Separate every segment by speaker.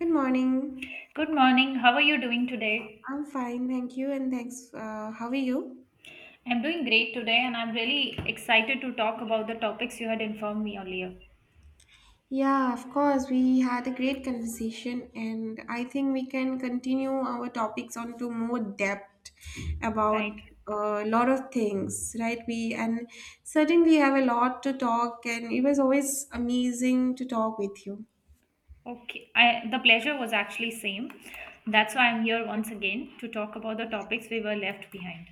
Speaker 1: Good morning.
Speaker 2: Good morning. How are you doing today?
Speaker 1: I'm fine, thank you, and thanks. How are you?
Speaker 2: I'm doing great today and I'm really excited to talk about the topics you had informed me earlier.
Speaker 1: Yeah, of course. We had a great conversation, and I think we can continue our topics on to more depth
Speaker 2: Right.
Speaker 1: about a lot of things, right? We and certainly have a lot to talk, and it was always amazing to talk with you.
Speaker 2: Okay. I the pleasure was actually same. That's why I'm here once again to talk about the topics we were left behind.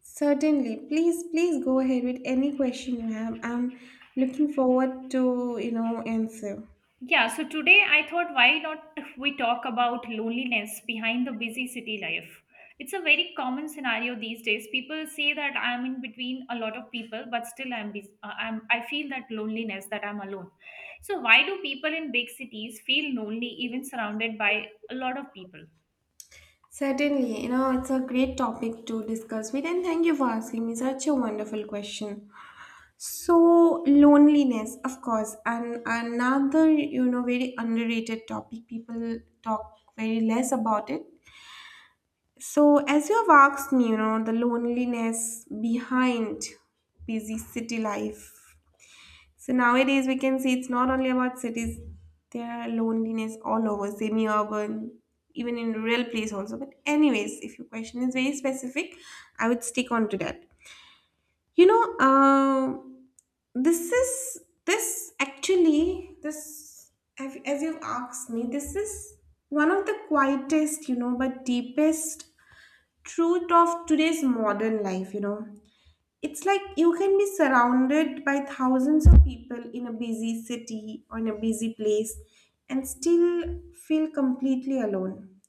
Speaker 1: Certainly, please, please go ahead with any question you have. I'm looking forward to answer.
Speaker 2: Yeah, so today I thought why not we talk about loneliness behind the busy city life. It's a very common scenario these days. People say that I'm in between a lot of people, but still I'm, bus- I'm I feel that loneliness that I'm alone. So why do people in big cities feel lonely even surrounded by a lot of people?
Speaker 1: Certainly, you know, it's a great topic to discuss with, and thank you for asking me such a wonderful question. So, loneliness, of course, and another, you know, very underrated topic. People talk very less about it. So, as you have asked me, you know, the loneliness behind busy city life, so nowadays we can see it's not only about cities, there are loneliness all over, semi-urban, even in rural place also. But anyways, if your question is very specific, I would stick on to that. You know, uh, this is this actually this as you've asked me, this is one of the quietest, you know, but deepest truth of today's modern life. You know, it's like you can be surrounded by thousands of people in a busy city or in a busy place and still feel completely alone.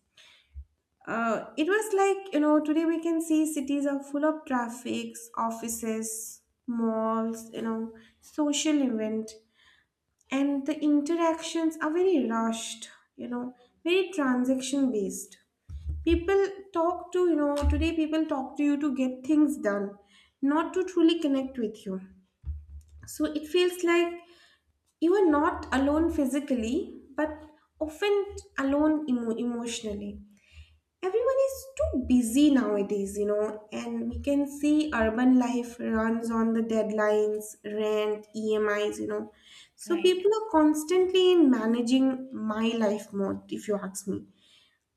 Speaker 1: It was like, you know, today we can see cities are full of traffics, offices, malls, you know, social event, and the interactions are very rushed, you know, very transaction based. People talk to, you know, today people talk to you to get things done, not to truly connect with you, so it feels like you are not alone physically, but often alone emotionally. Everyone is too busy nowadays, you know, and we can see urban life runs on the deadlines, rent, EMIs, you know. So
Speaker 2: Right,
Speaker 1: people are constantly in managing my life mode, if you ask me.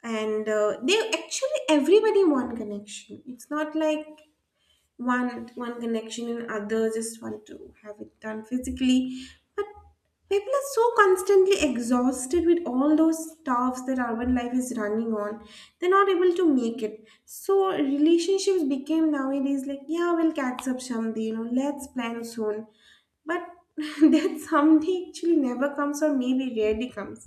Speaker 1: And they actually, everybody want connection. It's not like one connection and others just want to have it done physically, but people are so constantly exhausted with all those stuffs that urban life is running on, they're not able to make it. So relationships became nowadays like, yeah, we'll catch up someday, you know, let's plan soon, but that someday actually never comes, or maybe rarely comes.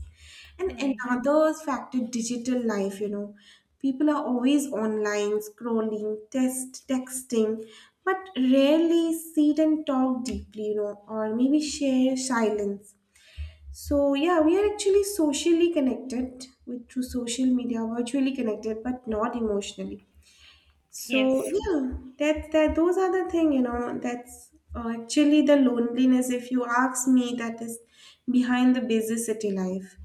Speaker 1: And
Speaker 2: right.
Speaker 1: another factor, digital life, you know. People are always online, scrolling, texting, but rarely sit and talk deeply, you know, or maybe share silence. So yeah, we are actually socially connected with through social media, virtually connected, but not emotionally. So
Speaker 2: Yes,
Speaker 1: yeah, that those are the thing, you know, that's actually the loneliness, if you ask me, that is behind the busy city life.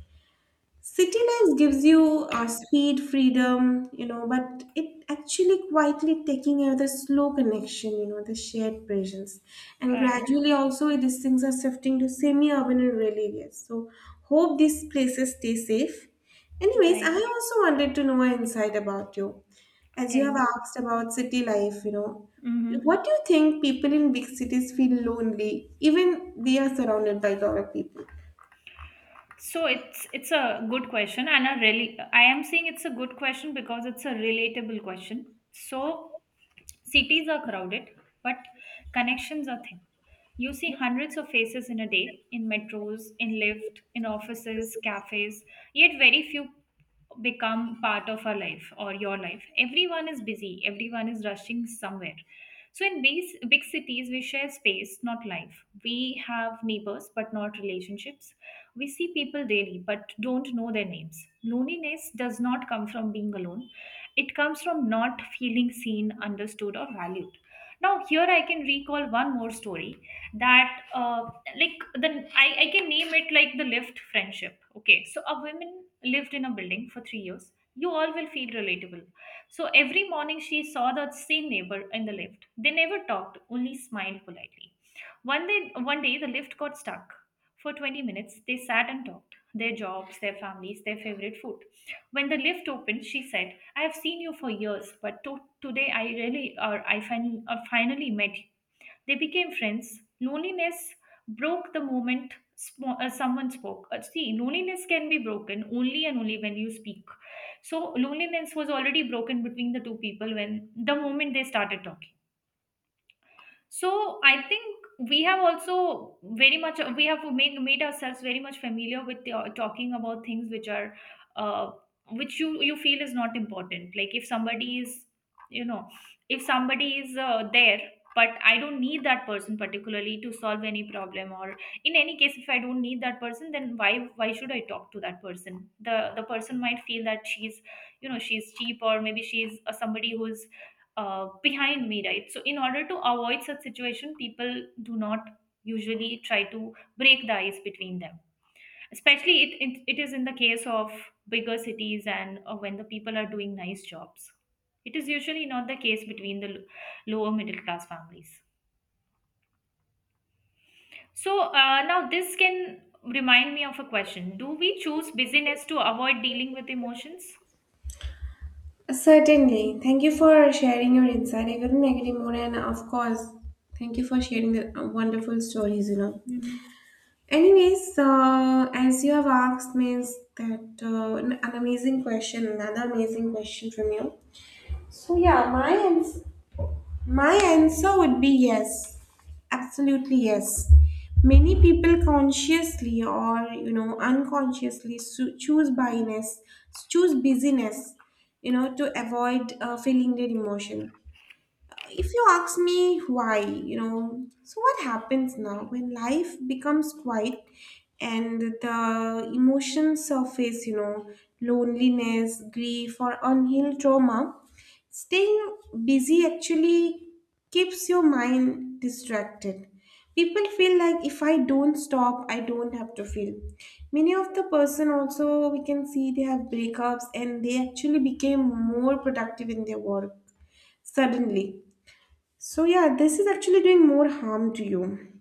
Speaker 1: City life gives you speed, freedom, you know, but it actually quietly taking away the slow connection, you know, the shared presence. And
Speaker 2: right,
Speaker 1: gradually also these things are shifting to semi-urban and rural areas. So hope these places stay safe. Anyways,
Speaker 2: right.
Speaker 1: I also wanted to know an insight about you. As you
Speaker 2: Tell
Speaker 1: have
Speaker 2: me.
Speaker 1: asked about city life, you know, what
Speaker 2: Mm-hmm.
Speaker 1: do you think people in big cities feel lonely, even they are surrounded by a lot of people?
Speaker 2: So it's a good question and a really I am saying it's a good question because it's a relatable question. So cities are crowded, but connections are thin. You see hundreds of faces in a day in metros, in lift, in offices, cafes, yet very few become part of our life or your life. Everyone is busy, everyone is rushing somewhere. So in big cities, we share space, not life. We have neighbors, but not relationships. We see people daily but don't know their names. Loneliness does not come from being alone, it comes from not feeling seen, understood, or valued. Now, here I can recall one more story that I can name it like the lift friendship. Okay, so a woman lived in a building for 3 years. You all will feel relatable. So every morning she saw the same neighbor in the lift. They never talked, only smiled politely. One day the lift got stuck. For 20 minutes, they sat and talked their jobs, their families, their favorite food. When the lift opened, she said, I have seen you for years, but today I really, or finally met you. They became friends. Loneliness broke the moment someone spoke. See, loneliness can be broken only and only when you speak. So, loneliness was already broken between the two people when the moment they started talking, so I think we have also very much we have made ourselves very much familiar with talking about things which are uh, which you feel is not important, like if somebody is, you know, if somebody is there, but I don't need that person particularly to solve any problem, or in any case if I don't need that person, then why should I talk to that person? The person might feel that she's, you know, she's cheap or maybe she's somebody who's behind me, right? So, in order to avoid such situation, people do not usually try to break the ice between them. Especially, it is in the case of bigger cities and when the people are doing nice jobs. It is usually not the case between the lower middle class families. So, now this can remind me of a question: do we choose busyness to avoid dealing with emotions?
Speaker 1: Certainly. Thank you for sharing your insight. I couldn't agree more. And of course, thank you for sharing the wonderful stories, you know.
Speaker 2: Mhm.
Speaker 1: Anyways, so as you have asked me is that an amazing question, another amazing question from you. So yeah, my answer would be yes, absolutely yes. Many people consciously or you know unconsciously choose busyness, you know, to avoid feeling their emotion. If you ask me why, you know, so what happens now when life becomes quiet and the emotions surface, you know, loneliness, grief, or unhealed trauma, staying busy actually keeps your mind distracted. People feel like if I don't stop, I don't have to feel. Many of the person also we can see they have breakups and they actually became more productive in their work suddenly, so yeah, this is actually doing more harm to you.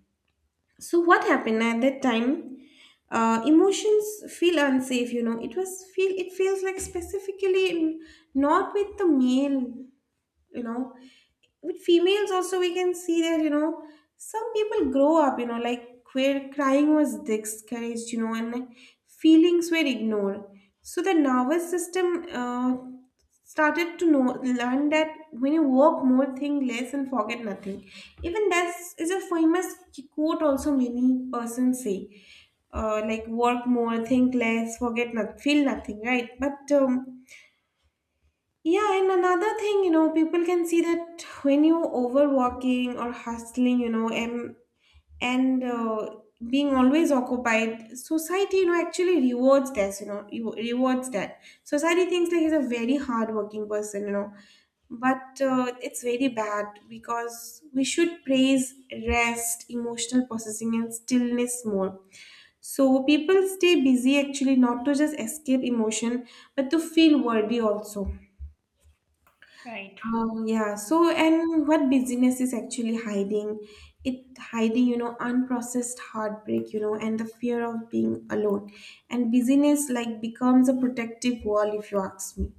Speaker 1: So, what happened at that time? Emotions feel unsafe, you know. It feels like specifically not with the male, you know, with females also we can see that, you know, some people grow up, you know, like where crying was discouraged, you know, and feelings were ignored. So the nervous system started to know learn that when you work more think less and forget nothing, even that's a famous quote also many persons say, like work more think less forget not feel nothing, right? But yeah, and another thing, you know, people can see that when you overworking or hustling, you know, and and uh, being always occupied, society, you know, actually rewards this, you know, rewards that. Society thinks like he's a very hardworking person, you know, but it's very bad because we should praise rest, emotional processing, and stillness more. So people stay busy actually not to just escape emotion, but to feel worthy also.
Speaker 2: Right,
Speaker 1: Yeah. So, and what busyness is actually hiding? It hiding, you know, unprocessed heartbreak, you know, and the fear of being alone. And busyness like becomes a protective wall, if you ask me.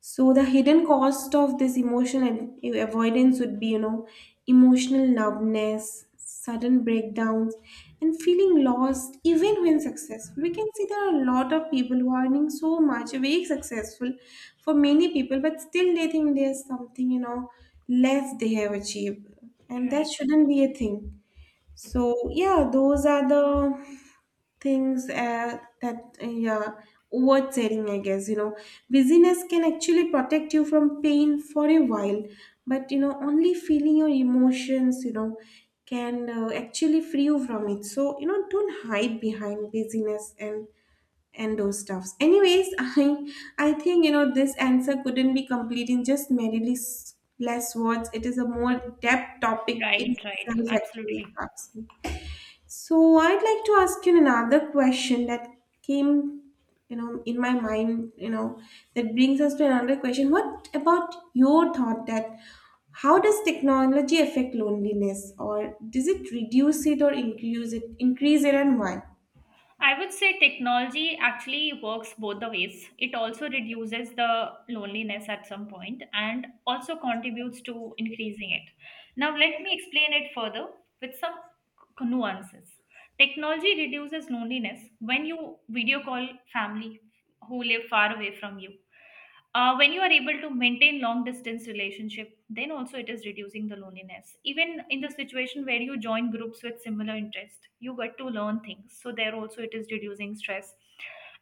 Speaker 1: So the hidden cost of this emotional avoidance would be, you know, emotional numbness, sudden breakdowns, and feeling lost even when successful. We can see there are a lot of people who are earning so much, very successful for many people, but still they think there's something, you know, less they have achieved. And that
Speaker 2: right,
Speaker 1: shouldn't be a thing. So yeah, those are the things that yeah, oversetting I guess, you know, busyness can actually protect you from pain for a while, but you know only feeling your emotions, you know, can actually free you from it. So you know, don't hide behind busyness and those stuffs anyways. I think, you know, this answer couldn't be complete in just merely less words. It is a more depth topic in
Speaker 2: right, right.
Speaker 1: itself actually, if
Speaker 2: Absolutely.
Speaker 1: you ask me. So I'd like to ask you another question that came, you know, in my mind, you know, that brings us to another question. What about your thought that how does technology affect loneliness, or does it reduce it or increase it, and why?
Speaker 2: I would say technology actually works both the ways. It also reduces the loneliness at some point and also contributes to increasing it. Now, let me explain it further with some nuances. Technology reduces loneliness when you video call family who live far away from you, when you are able to maintain long distance relationship, then also it is reducing the loneliness. Even in the situation where you join groups with similar interest, you get to learn things, so there also it is reducing stress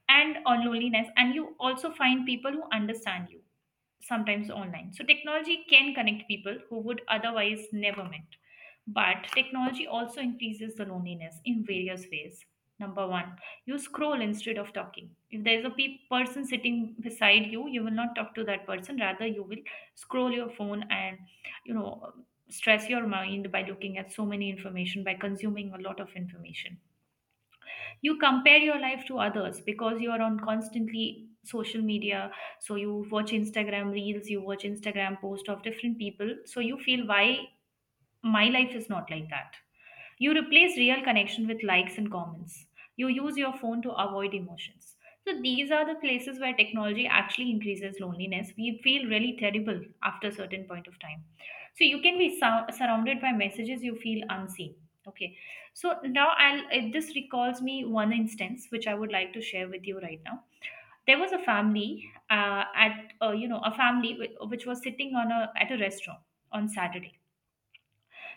Speaker 2: and on loneliness, and you also find people who understand you sometimes online. So technology can connect people who would otherwise never met. But technology also increases the loneliness in various ways. Number one, you scroll instead of talking. If there's a person sitting beside you, you will not talk to that person, rather you will scroll your phone and, you know, stress your mind by looking at so many information, by consuming a lot of information. You compare your life to others because you are on constantly social media. So you watch Instagram reels, you watch Instagram post of different people, so you feel why my life is not like that. You replace real connection with likes and comments. You use your phone to avoid emotions. So these are the places where technology actually increases loneliness. We feel really terrible after a certain point of time. So you can be surrounded by messages, you feel unseen. Okay. So now this recalls me one instance which I would like to share with you right now. There was a family at you know, a family which was sitting on a at a restaurant on Saturday.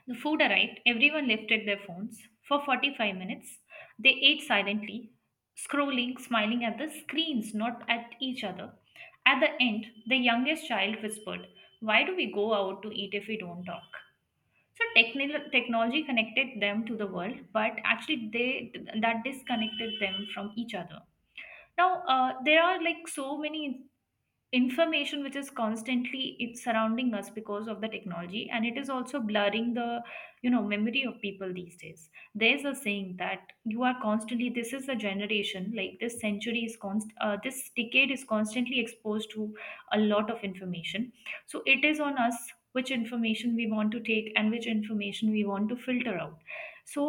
Speaker 2: The food arrived, everyone lifted their phones. For 45 minutes, they ate silently, scrolling, smiling at the screens, not at each other. At the end, the youngest child whispered, why do we go out to eat if we don't talk? So technil technology connected them to the world, but actually they that disconnected them from each other. Now there are like so many information which is constantly it's surrounding us because of the technology, and it is also blurring the, you know, memory of people these days. There's a saying that you are constantly, this is a generation, like this century is const this decade is constantly exposed to a lot of information. So it is on us which information we want to take and which information we want to filter out. So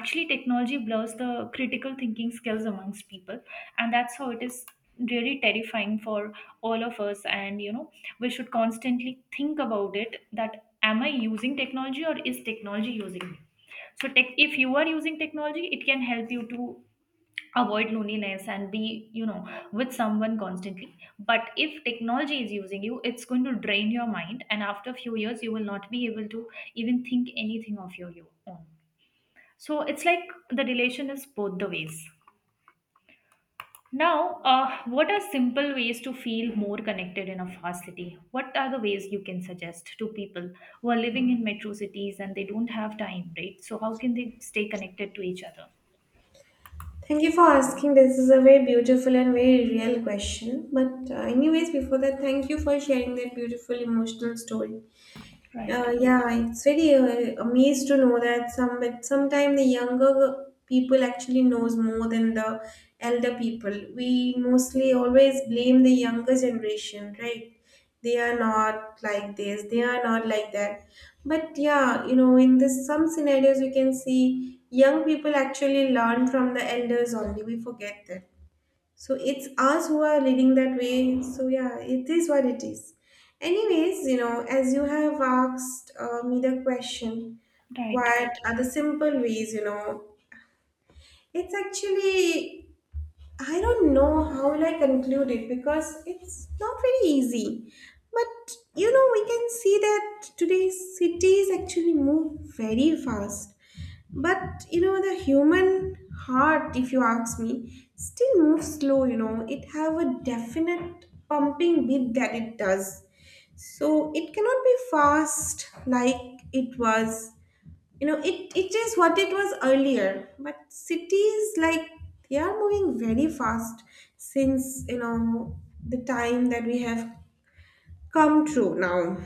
Speaker 2: actually technology blurs the critical thinking skills amongst people, and that's how it is really terrifying for all of us. And you know, we should constantly think about it, that am I using technology or is technology using me? So tech, if you are using technology, it can help you to avoid loneliness and be, you know, with someone constantly. But if technology is using you, it's going to drain your mind, and after a few years you will not be able to even think anything of your own. So it's like the relation is both the ways. Now, what are simple ways to feel more connected in a fast city? What are the ways you can suggest to people who are living in metro cities and they don't have time, right? So, how can they stay connected to each other?
Speaker 1: Thank you for asking. This is a very beautiful and very real question. But anyways, before that, thank you for sharing that beautiful emotional story.
Speaker 2: Right,
Speaker 1: Yeah, it's very amazed to know that some but sometime the younger people actually knows more than the elder people. We mostly always blame the younger generation, right? They are not like this, they are not like that. But yeah, you know, in this some scenarios we can see young people actually learn from the elders only. We forget that. So it's us who are leading that way. So yeah, it is what it is. Anyways, you know, as you have asked me the question,
Speaker 2: right,
Speaker 1: what are the simple ways, you know? It's actually, I don't know how will I conclude it because it's not very easy. But you know, we can see that today's cities actually move very fast, but you know the human heart, if you ask me, still moves slow, you know. It have a definite pumping beat that it does. So it cannot be fast like it was. You know, it is what it was earlier. But cities like they are moving very fast since you know the time that we have come through now.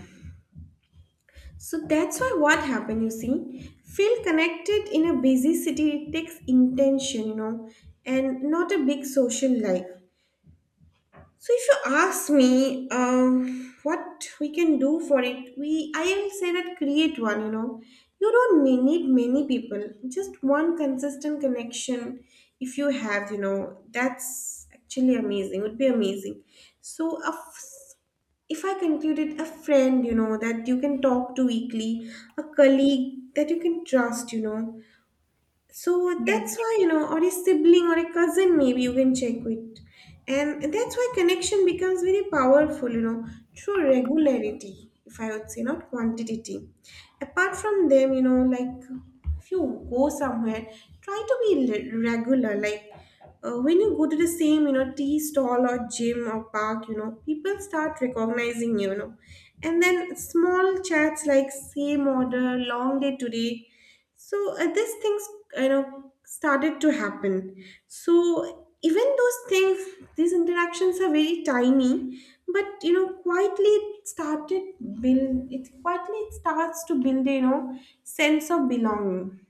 Speaker 1: So that's why what happened, you see, feel connected in a busy city takes intention, you know, and not a big social life. So if you ask me, what we can do for it, we I will say that create one. You know, you don't need many people, just one consistent connection. If you have, you know, that's actually amazing. Would be amazing. So if I concluded, a friend, you know, that you can talk to weekly, a colleague that you can trust, you know, so that's
Speaker 2: yes,
Speaker 1: why, you know, or a sibling or a cousin, maybe you can check with. And that's why connection becomes very powerful, you know, through regularity, if I would say, not quantity. Apart from them, you know, like if you go somewhere, try to be regular. Like when you go to the same, you know, tea stall or gym or park, you know, people start recognizing you, you know. And then small chats like same order, long day today, so these things, you know, started to happen. So even those things, these interactions are very tiny, but you know, quietly it started build. It quietly it starts to build, you know, sense of belonging.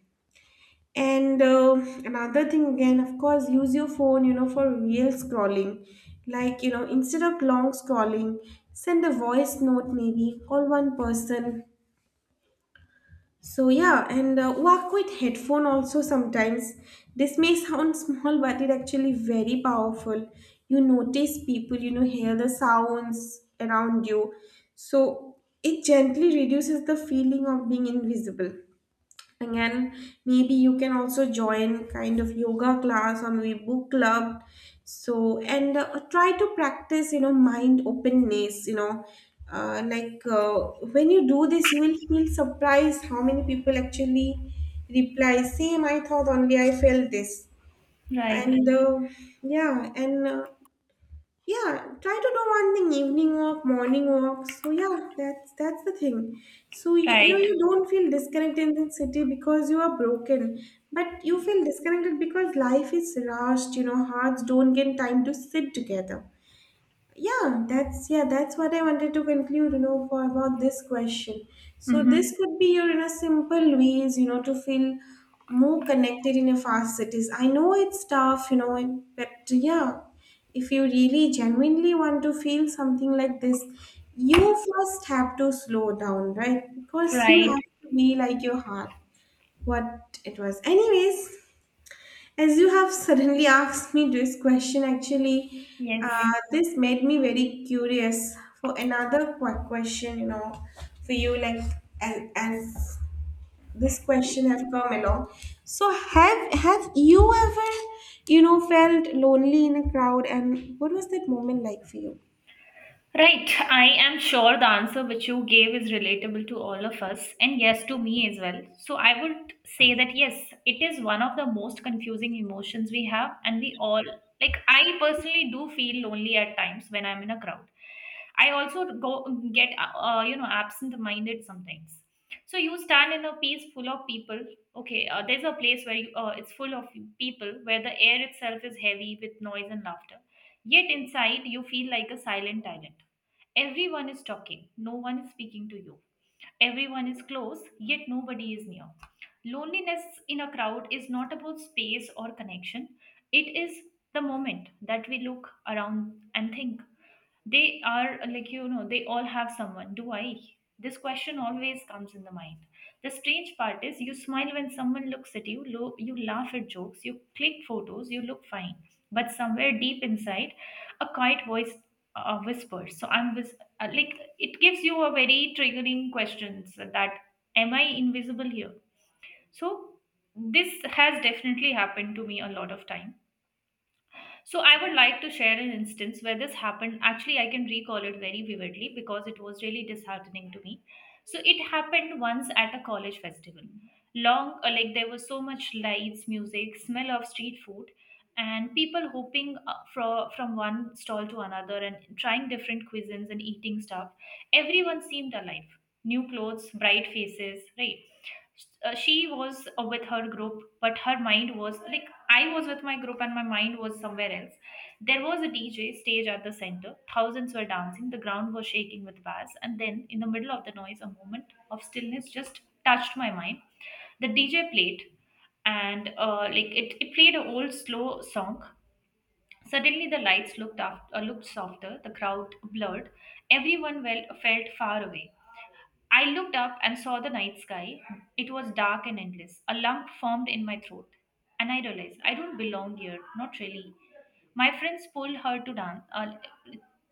Speaker 1: And another thing, again, of course, use your phone, you know, for real scrolling. Like you know, instead of long scrolling, send a voice note maybe. Call one person so yeah, and walk with headphone also sometimes. This may sound small, but it actually very powerful. You notice people, you know, hear the sounds around you. So it gently reduces the feeling of being invisible. Again, maybe you can also join kind of yoga class or maybe book club. So, and try to practice, you know, mind openness, you know. Uh, like uh, when you do this, you will feel surprised how many people actually reply, same, I thought only I felt this.
Speaker 2: right,
Speaker 1: And yeah, and Yeah, try to do one thing, evening walk, morning walk. So yeah, that's the thing. So you know,
Speaker 2: right,
Speaker 1: you don't feel disconnected in the city because you are broken, but you feel disconnected because life is rushed, you know. Hearts don't get time to sit together. Yeah, that's what I wanted to conclude, you know, for about this question. So
Speaker 2: mm-hmm.
Speaker 1: this could be your in a simple ways, you know, to feel more connected in a fast cities. I know it's tough, you know, but yeah, if you really genuinely want to feel something like this, you first have to slow down, right? Because you
Speaker 2: Right,
Speaker 1: have to be like your heart, what it was. Anyways, as you have suddenly asked me this question, actually,
Speaker 2: yes.
Speaker 1: this made me very curious for another question, you know, for you, like as this question has come along. So, have you ever, you know, felt lonely in a crowd, and what was that moment like for you?
Speaker 2: Right. I am sure the answer which you gave is relatable to all of us, and yes, to me as well. So, I would say that yes, it is one of the most confusing emotions we have, and we all like. I personally do feel lonely at times when I'm in a crowd. I also go get you know, absent-minded sometimes. So you stand in a place full of people. Okay, there's a place where it's full of people where the air itself is heavy with noise and laughter. Yet inside, you feel like a silent island. Everyone is talking, no one is speaking to you. Everyone is close, yet nobody is near. Loneliness in a crowd is not about space or connection, it is the moment that we look around and think they are, you know, they all have someone, do I? This question always comes in the mind. The strange part is you smile when someone looks at you, you laugh at jokes, you click photos, you look fine, but somewhere deep inside a quiet voice whispers. So I'm vis- like It gives you a very triggering questions that am I invisible here? So this has definitely happened to me a lot of time, so I would like to share an instance where this happened. Actually, I can recall it very vividly because it was really disheartening to me. So it happened once at a college festival. Long, like There was so much lights, music, smell of street food, and people hopping from one stall to another and trying different cuisines and eating stuff. Everyone seemed alive, new clothes, bright faces, right? She was with her group, but her mind was like I was with my group and my mind was somewhere else. There was a DJ stage at the center. Thousands were dancing. The ground was shaking with bass. And then, in the middle of the noise, a moment of stillness just touched my mind. The DJ played, and it played an old slow song. Suddenly, the lights looked softer. The crowd blurred. Everyone felt far away. I looked up and saw the night sky. It was dark and endless. A lump formed in my throat, and I realized I don't belong here, not really. My friends pulled her to dance. Uh,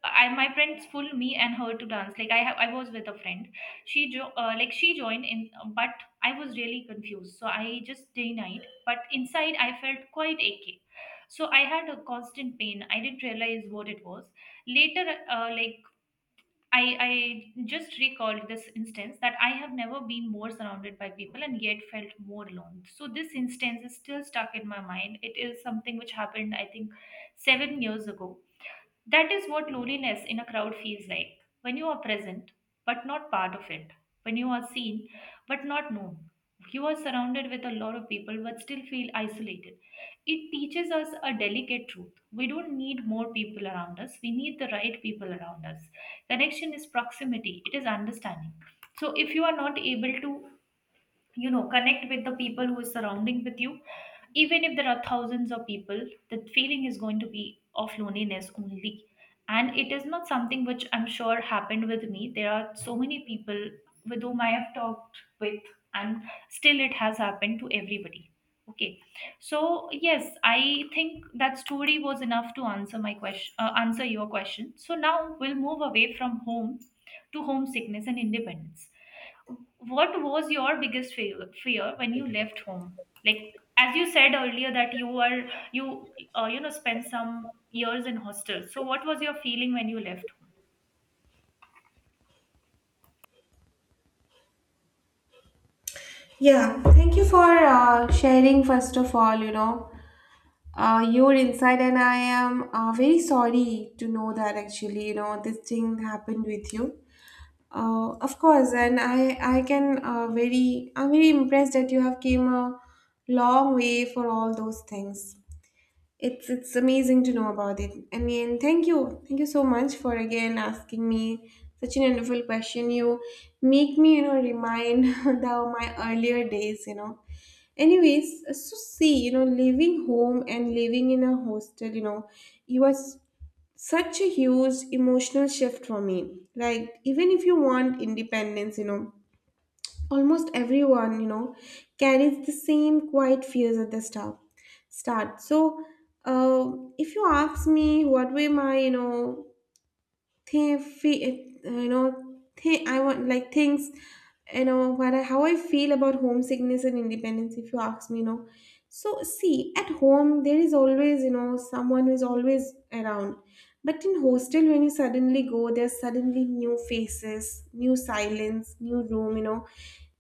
Speaker 2: my friends pulled me and her to dance. I was with a friend. She, jo- like she joined in, but I was really confused. So I just denied. But inside, I felt quite achy. So I had a constant pain. I didn't realize what it was. Later, uh, like I, I just recalled this instance that I have never been more surrounded by people and yet felt more alone. So, this instance is still stuck in my mind. It is something which happened, I think, seven years ago. That is what loneliness in a crowd feels like when you are present but not part of it, when you are seen but not known. You are surrounded with a lot of people but still feel isolated. It teaches us a delicate truth. We don't need more people around us; we need the right people around us. Connection is proximity; it is understanding. So, if you are not able to connect with the people who is surrounding with you, even if there are thousands of people, the feeling is going to be of loneliness only. And it is not something which I'm sure happened with me. There are so many people with whom I have talked with, and still it has happened to everybody. Okay, so yes, I think that story was enough to answer my question, answer your question. So now we'll move away from home to homesickness and independence. What was your biggest fear when you left home? Like, as you said earlier, that you were you you know spent some years in hostel, so what was your feeling when you left home?
Speaker 1: Yeah, thank you for sharing, first of all, you know, your insight, and I am very sorry to know that actually, you know, this thing happened with you. Of course, and I can very I'm very impressed that you have came a long way for all those things. It's amazing to know about it. I mean, thank you so much for again asking me such an wonderful question. You make me you know remind the my earlier days. You know, anyways, so see you know leaving home and living in a hostel. You know, you was such a huge emotional shift for me, like even if you want independence, you know, almost everyone, you know, carries the same quiet fears at the start. So uh, if you ask me what were my, you know, they feel, you know, they, I want like things, you know, what I, how I feel about homesickness and independence, if you ask me, you know. So, see, at home, there is always, you know, someone who is always around. But in hostel, when you suddenly go, there's suddenly new faces, new silence, new room, you know.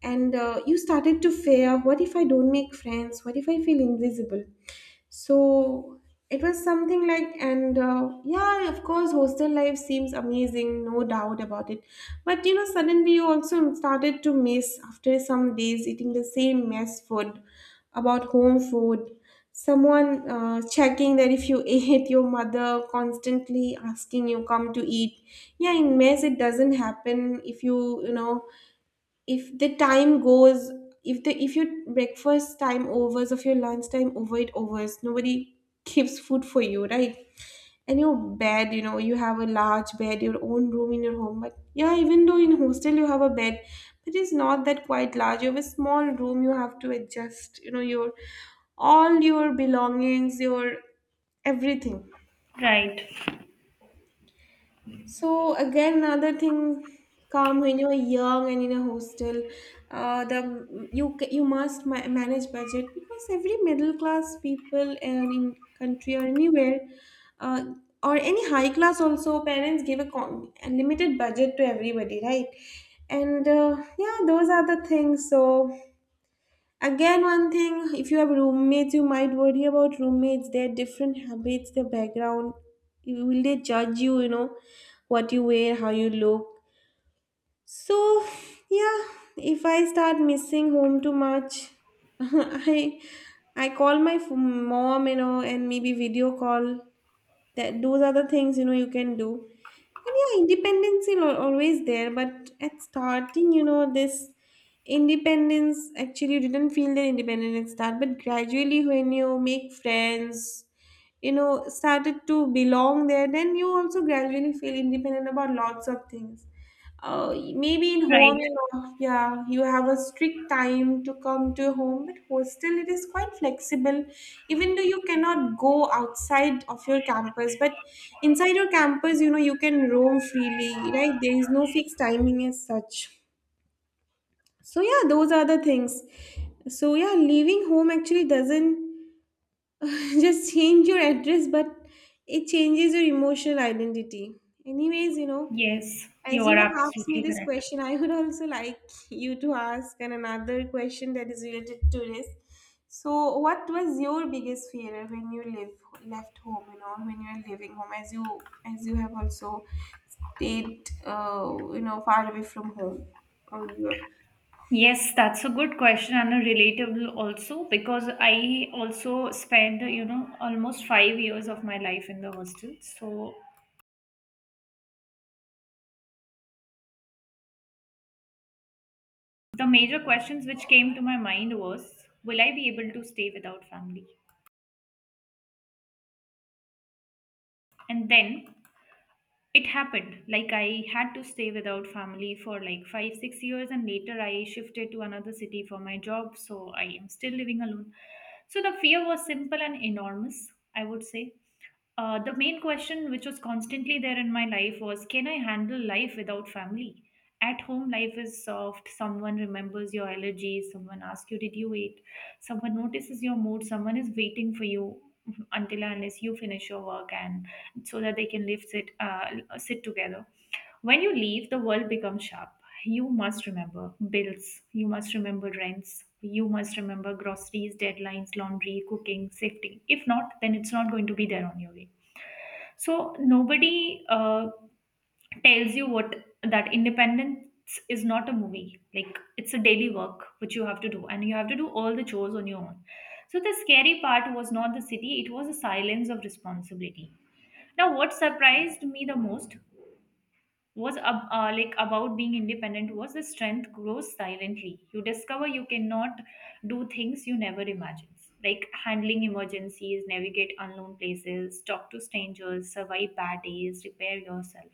Speaker 1: And You started to fear, what if I don't make friends? What if I feel invisible? So it was something like, and yeah, of course, hostel life seems amazing, no doubt about it. But you know, suddenly you also started to miss, after some days eating the same mess food, about home food. Someone checking that if you ate, your mother constantly asking you come to eat. Yeah, in mess it doesn't happen. If you, you know, if the time goes, if your breakfast time overs of your lunch time over, it overs, nobody keeps food for you, right? And your bed, you know, you have a large bed, your own room in your home, but yeah, even though in hostel you have a bed, but it's not that quite large. You have a small room, you have to adjust, you know, your all your belongings, your everything.
Speaker 2: Right.
Speaker 1: So again, another thing come when you're young and in a hostel, the you you must manage budget, because every middle class people and in country or anywhere, uh, or any high class also, parents give a, a limited budget to everybody, right? And Yeah, those are the things. So again, one thing, if you have roommates, you might worry about roommates, their different habits, their background. Will they judge you, you know, what you wear, how you look? So, yeah, if I start missing home too much, I I call my mom, you know, and maybe video call. That those are the things, you know, you can do. And yeah, independence is always there, but at starting, you know, this independence actually you didn't feel the independence at start, but gradually when you make friends, you know, started to belong there, then you also gradually feel independent about lots of things. Uh, maybe in home,
Speaker 2: Right.
Speaker 1: you know, yeah, you have a strict time to come to your home, but hostel it is quite flexible. Even though you cannot go outside of your campus, but inside your campus, you know, you can roam freely, right? There is no fixed timing as such. So yeah, those are the things. So yeah, leaving home actually doesn't just change your address, but it changes your emotional identity. Anyways, you know,
Speaker 2: Yes,
Speaker 1: as
Speaker 2: you are
Speaker 1: you have asked me
Speaker 2: absolutely
Speaker 1: this
Speaker 2: correct.
Speaker 1: question, I would also like you to ask an another question that is related to this. So, what was your biggest fear when you live left home, you know, when you are living home, as you have also stayed, you know, far away from home earlier?
Speaker 2: Yes, that's a good question and a relatable also, because I also spent, you know, almost 5 years of my life in the hostel. So the major questions which came to my mind was, will I be able to stay without family? And then it happened, like I had to stay without family for like 5-6 years, and later I shifted to another city for my job, so I am still living alone. So the fear was simple and enormous, I would say. The main question, which was constantly there in my life, was, can I handle life without family? At home, life is soft. Someone remembers your allergies. Someone asks you, did you eat? Someone notices your mood. Someone is waiting for you until and unless you finish your work, and so that they can live sit sit together. When you leave, the world becomes sharp. You must remember bills, you must remember rents, you must remember groceries, deadlines, laundry, cooking, safety. If not, then it's not going to be there on your way. So nobody tells you what, that independence is not a movie. Like, it's a daily work which you have to do, and you have to do all the chores on your own. So the scary part was not the city; it was the silence of responsibility. Now, what surprised me the most was about being independent was the strength grows silently. You discover you cannot do things you never imagined, like handling emergencies, navigate unknown places, talk to strangers, survive bad days, repair yourself.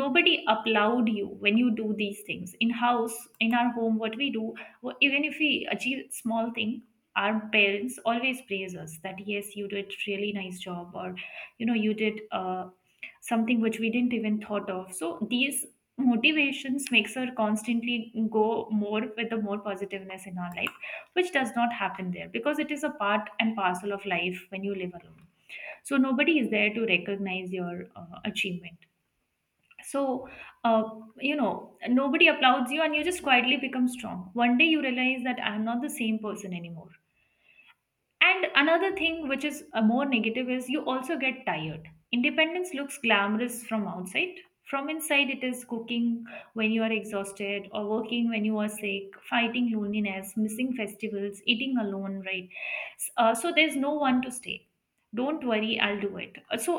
Speaker 2: Nobody applaud you when you do these things. In house, in our home, what we do, even if we achieve small thing, our parents always praise us that yes, you did really nice job, or you did something which we didn't even thought of. So these motivations makes her constantly go more with the more positiveness in our life, which does not happen there, because it is a part and parcel of life when you live alone. So nobody is there to recognize your achievement. So, uh, nobody applauds you, and you just quietly become strong. One day you realize that I am not the same person anymore. And another thing which is a more negative is, you also get tired. Independence looks glamorous from outside. From inside, it is cooking when you are exhausted, or working when you are sick, fighting loneliness, missing festivals, eating alone, right? So there's no one to stay, don't worry, I'll do it. So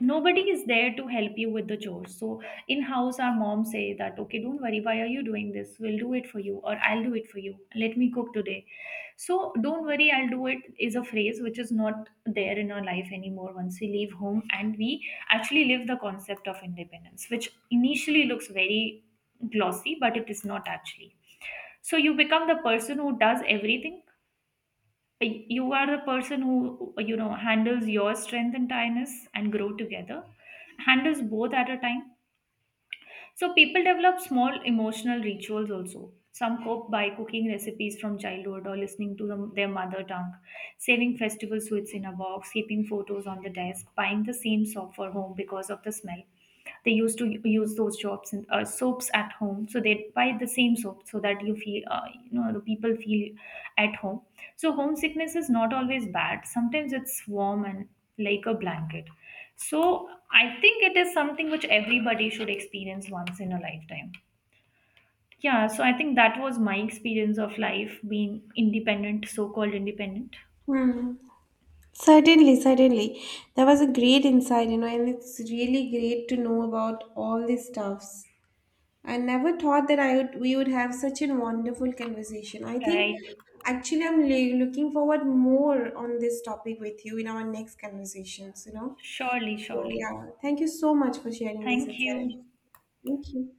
Speaker 2: nobody is there to help you with the chores. So in house, our mom say that okay, don't worry, why are you doing this, we'll do it for you, or I'll do it for you, let me cook today. So don't worry, I'll do it is a phrase which is not there in our life anymore, once we leave home and we actually live the concept of independence, which initially looks very glossy, but it is not actually. So you become the person who does everything. You are the person who, you know, handles your strength and tiredness and grow together, handles both at a time. So people develop small emotional rituals also. Some cope by cooking recipes from childhood, or listening to them, their mother tongue, saving festival sweets in a box, keeping photos on the desk, buying the same soap for home because of the smell. They used to use those jobs and soaps at home, so they buy the same soap so that you feel, the people feel at home. So homesickness is not always bad. Sometimes it's warm and like a blanket. So I think it is something which everybody should experience once in a lifetime. Yeah, so I think that was my experience of life being independent, so called independent.
Speaker 1: Hmm. Certainly, certainly. That was a great insight, you know, and it's really great to know about all these stuffs. I never thought that I would we would have such a wonderful conversation. I think
Speaker 2: Right.
Speaker 1: actually I'm looking forward more on this topic with you in our next conversations, you know.
Speaker 2: Surely,
Speaker 1: So
Speaker 2: surely.
Speaker 1: yeah, thank you so much for sharing this
Speaker 2: Thank
Speaker 1: insight.
Speaker 2: you.
Speaker 1: Thank you.